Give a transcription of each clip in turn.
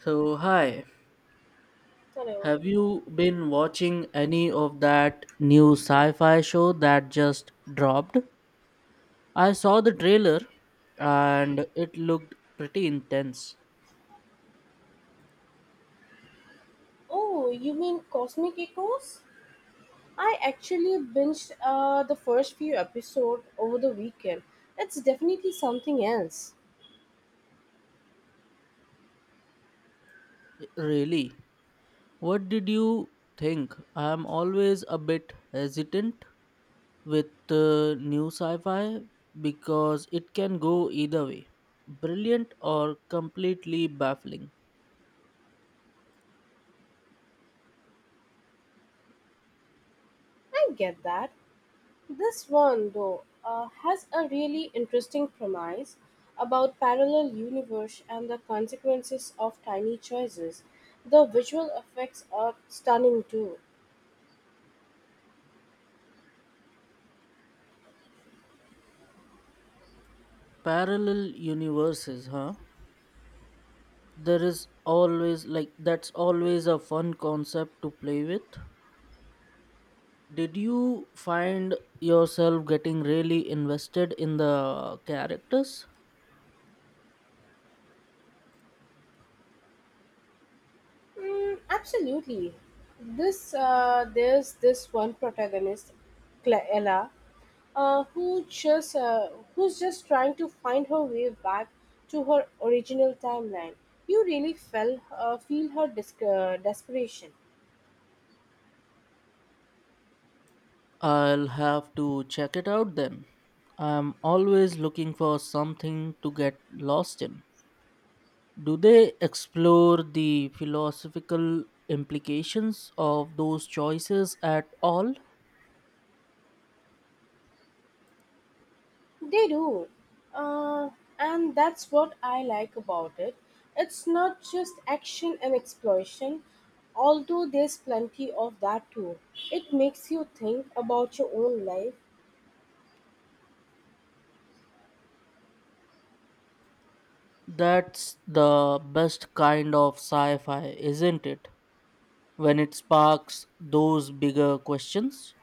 So, hi, Hello. have you been watching any of that new sci fi show that just dropped? I saw the trailer and it looked pretty intense. Oh, you mean Cosmic Echoes? I actually binged the first few episodes over the weekend. It's definitely something else. Really? What did you think? I'm always a bit hesitant with new sci fi because it can go either way brilliant or completely baffling. I get that. This one, though, has a really interesting premise about parallel universe and the consequences of tiny choices. The visual effects are stunning too. Parallel universes, huh? there is always like That's always a fun concept to play with. Did you find yourself getting really invested in the characters? Mm, absolutely. This There's this one protagonist, Ella, uh, who just uh, who's just trying to find her way back to her original timeline. You really felt feel her desperation. I'll have to check it out then. I'm always looking for something to get lost in. Do they explore the philosophical implications of those choices at all? They do, uh, and that's what I like about it. It's not just action and exploration, although there's plenty of that too. It makes you think about your own life. That's the best kind of sci-fi, isn't it, when it sparks those bigger questions.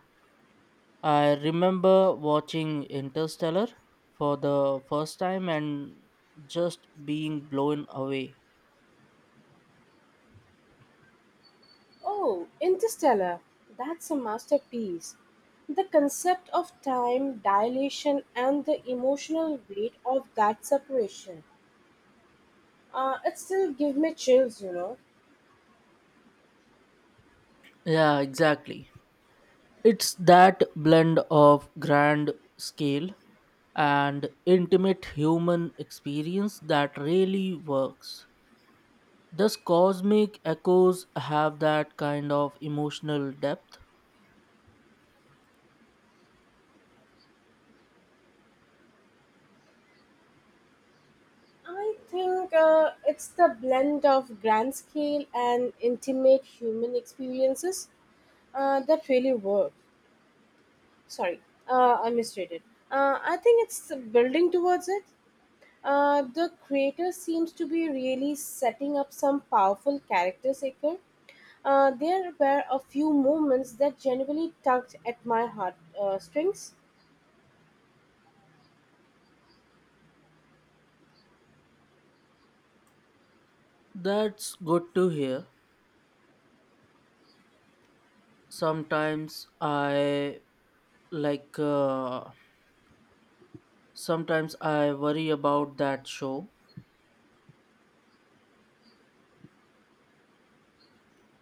I remember watching Interstellar for the first time and just being blown away. Oh, Interstellar. That's a masterpiece. The concept of time dilation and the emotional weight of that separation. It still gives me chills, you know. Yeah, exactly. It's that blend of grand scale and intimate human experience that really works. Thus, cosmic echoes have that kind of emotional depth. I think it's the blend of grand scale and intimate human experiences that really work. Sorry, I misstated. I think it's building towards it. The creator seems to be really setting up some powerful characters. There were a few moments that genuinely tugged at my heart strings. That's good to hear. sometimes i like uh, Sometimes I worry about that show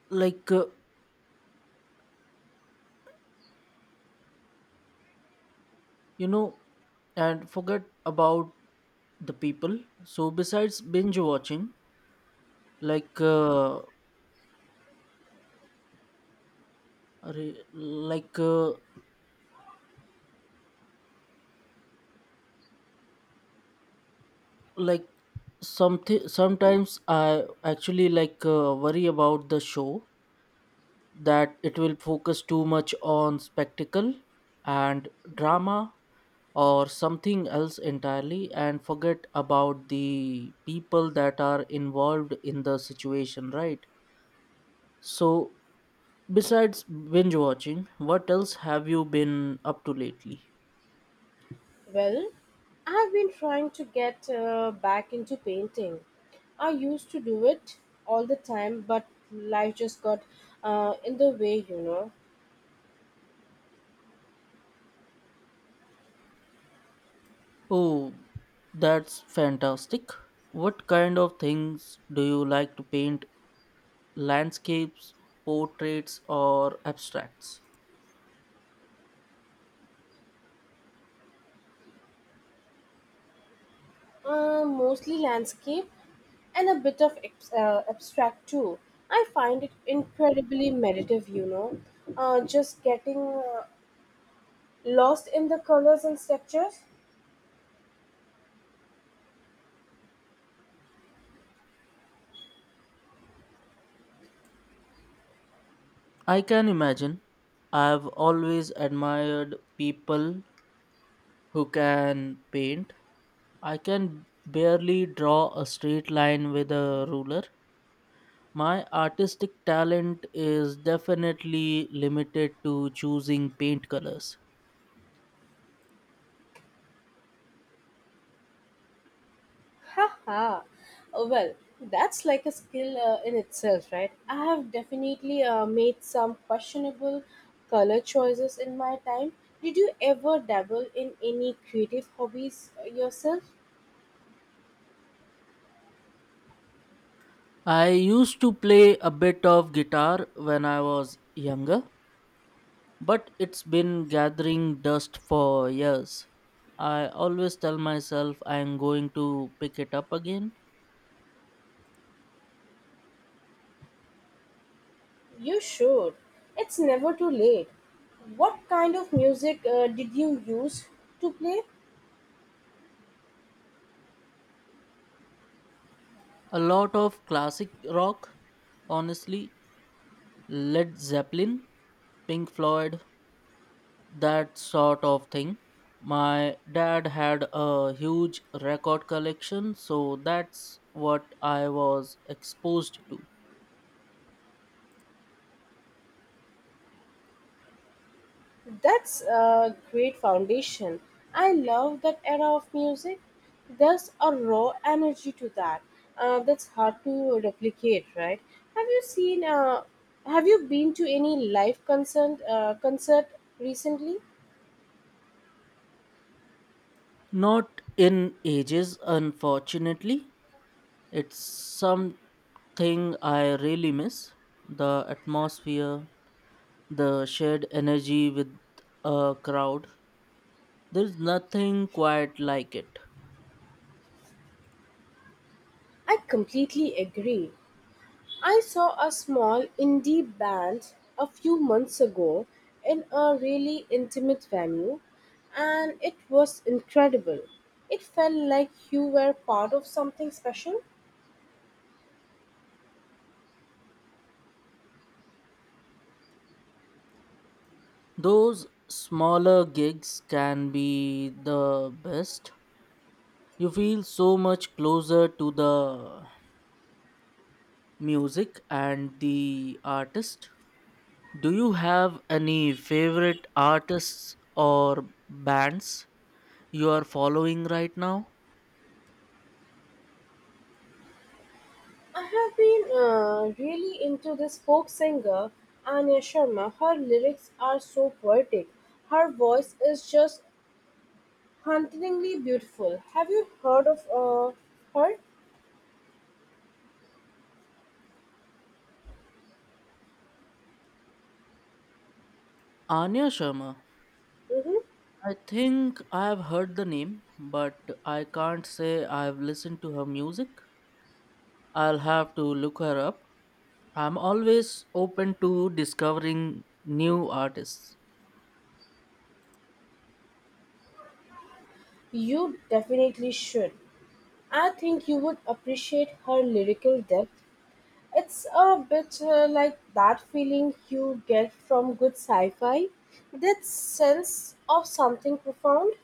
like uh, you know and forget about the people so besides binge watching like uh, re- like uh, like something sometimes I actually worry about the show that it will focus too much on spectacle and drama or something else entirely and forget about the people that are involved in the situation, right? So, besides binge watching, what else have you been up to lately? Well, I have been trying to get back into painting. I used to do it all the time, but life just got in the way, you know. Oh, that's fantastic. What kind of things do you like to paint? Landscapes, portraits, or abstracts? Mostly landscape and a bit of abstract too. I find it incredibly meditative, you know, just getting lost in the colors and structures. I can imagine. I've always admired people who can paint. I can barely draw a straight line with a ruler. My artistic talent is definitely limited to choosing paint colors. Haha. Well, that's like a skill in itself, right? I have definitely made some questionable color choices in my time. Did you ever dabble in any creative hobbies yourself? I used to play a bit of guitar when I was younger, but it's been gathering dust for years. I always tell myself I'm going to pick it up again. You should. It's never too late. What kind of music did you use to play? A lot of classic rock, honestly, Led Zeppelin, Pink Floyd, that sort of thing. My dad had a huge record collection, so that's what I was exposed to. That's a great foundation. I love that era of music. There's a raw energy to that. That's hard to replicate, right? Have you seen? Have you been to any live concert recently? Not in ages, unfortunately. It's something I really miss, the atmosphere, the shared energy with a crowd. There's nothing quite like it. I completely agree. I saw a small indie band a few months ago in a really intimate venue, and it was incredible. It felt like you were part of something special. Those smaller gigs can be the best. You feel so much closer to the music and the artist. Do you have any favorite artists or bands you are following right now? I have been really into this folk singer, Anya Sharma. Her lyrics are so poetic. Her voice is just hauntingly beautiful. Have you heard of her? Anya Sharma. Hmm. I think I have heard the name, but I can't say I've listened to her music. I'll have to look her up. I'm always open to discovering new artists. You definitely should. I think you would appreciate her lyrical depth. It's a bit like that feeling you get from good sci fi, that sense of something profound.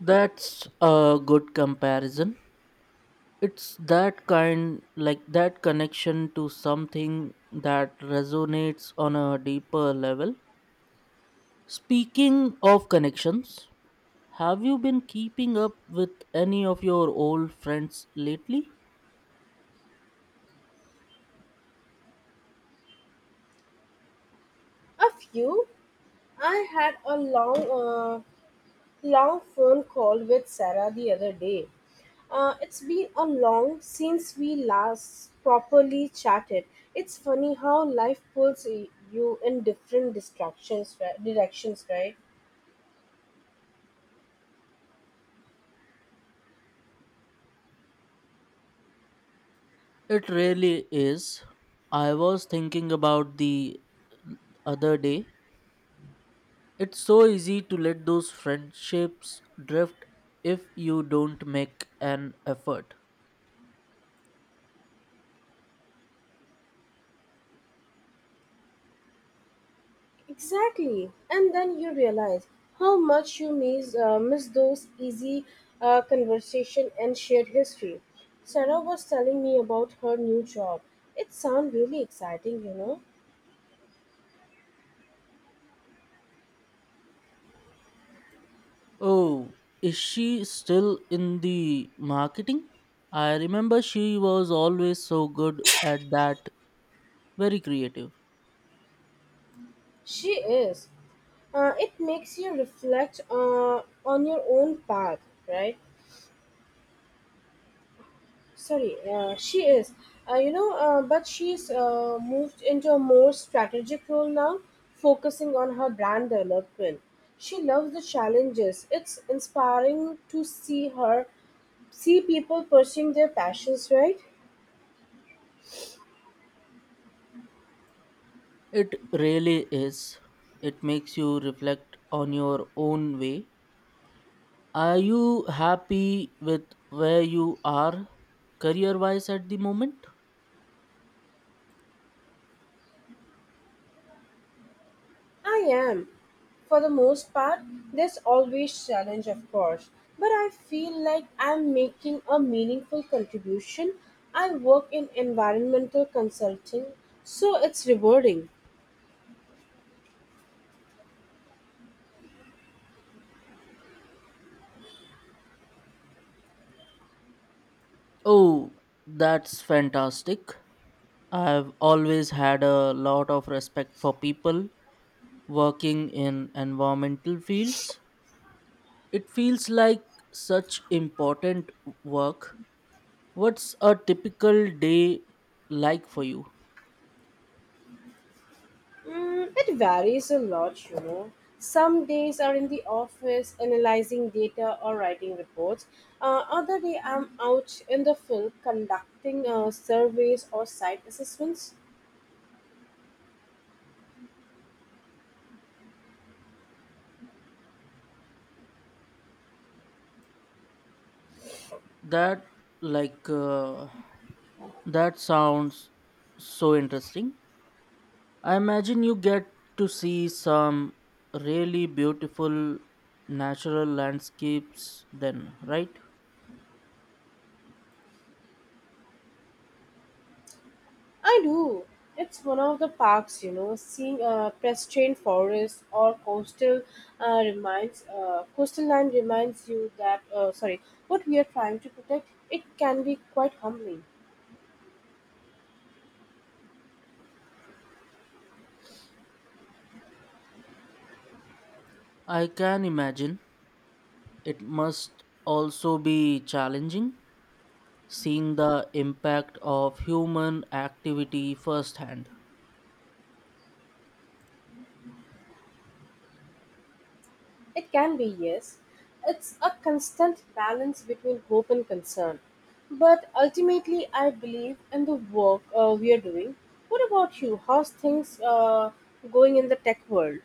That's a good comparison. It's that kind, like that connection to something that resonates on a deeper level. Speaking of connections, have you been keeping up with any of your old friends lately? A few. I had a long phone call with Sarah the other day. It's been a long since we last properly chatted. It's funny how life pulls you in different distractions, right? Directions, right? It really is. I was thinking about the other day. It's so easy to let those friendships drift if you don't make an effort. Exactly. And then you realize how much you miss those easy conversation and shared history. Sarah was telling me about her new job. It sounds really exciting, you know. Oh, is she still in the marketing? I remember she was always so good at that, very creative. She is. It makes you reflect on your own path, right? Sorry, she is. But she's moved into a more strategic role now, focusing on her brand development. She loves the challenges. It's inspiring to see people pursuing their passions, right? It really is. It makes you reflect on your own way. Are you happy with where you are career wise at the moment? I am. For the most part, there's always challenge, of course. But I feel like I'm making a meaningful contribution. I work in environmental consulting, so it's rewarding. Oh, that's fantastic. I've always had a lot of respect for people working in environmental fields. It feels like such important work. What's a typical day like for you? Mm, it varies a lot, you know. Some days are in the office analyzing data or writing reports. Other day I'm out in the field conducting surveys or site assessments. That like uh, that sounds so interesting. I imagine you get to see some really beautiful natural landscapes then, right? I do. It's one of the parks, you know, seeing pedestrian forests or coastal land reminds you that what we are trying to protect. It can be quite humbling. I can imagine. It must also be challenging seeing the impact of human activity firsthand. It can be, yes. It's a constant balance between hope and concern. But ultimately, I believe in the work we are doing. What about you? How's things going in the tech world?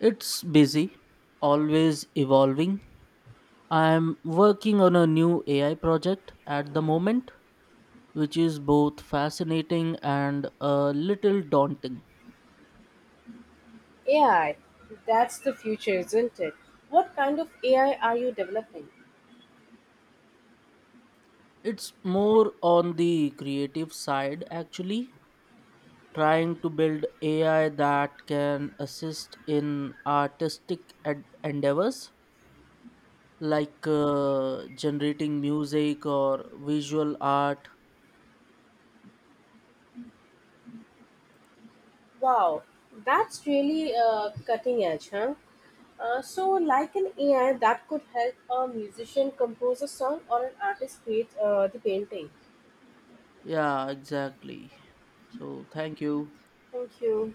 It's busy, always evolving. I'm working on a new AI project at the moment, which is both fascinating and a little daunting. AI, that's the future, isn't it? What kind of AI are you developing? It's more on the creative side, actually, trying to build AI that can assist in artistic endeavors like generating music or visual art. Wow, that's really cutting edge, huh? So, like an AI that could help a musician compose a song or an artist create the painting. Yeah, exactly. So, thank you. Thank you.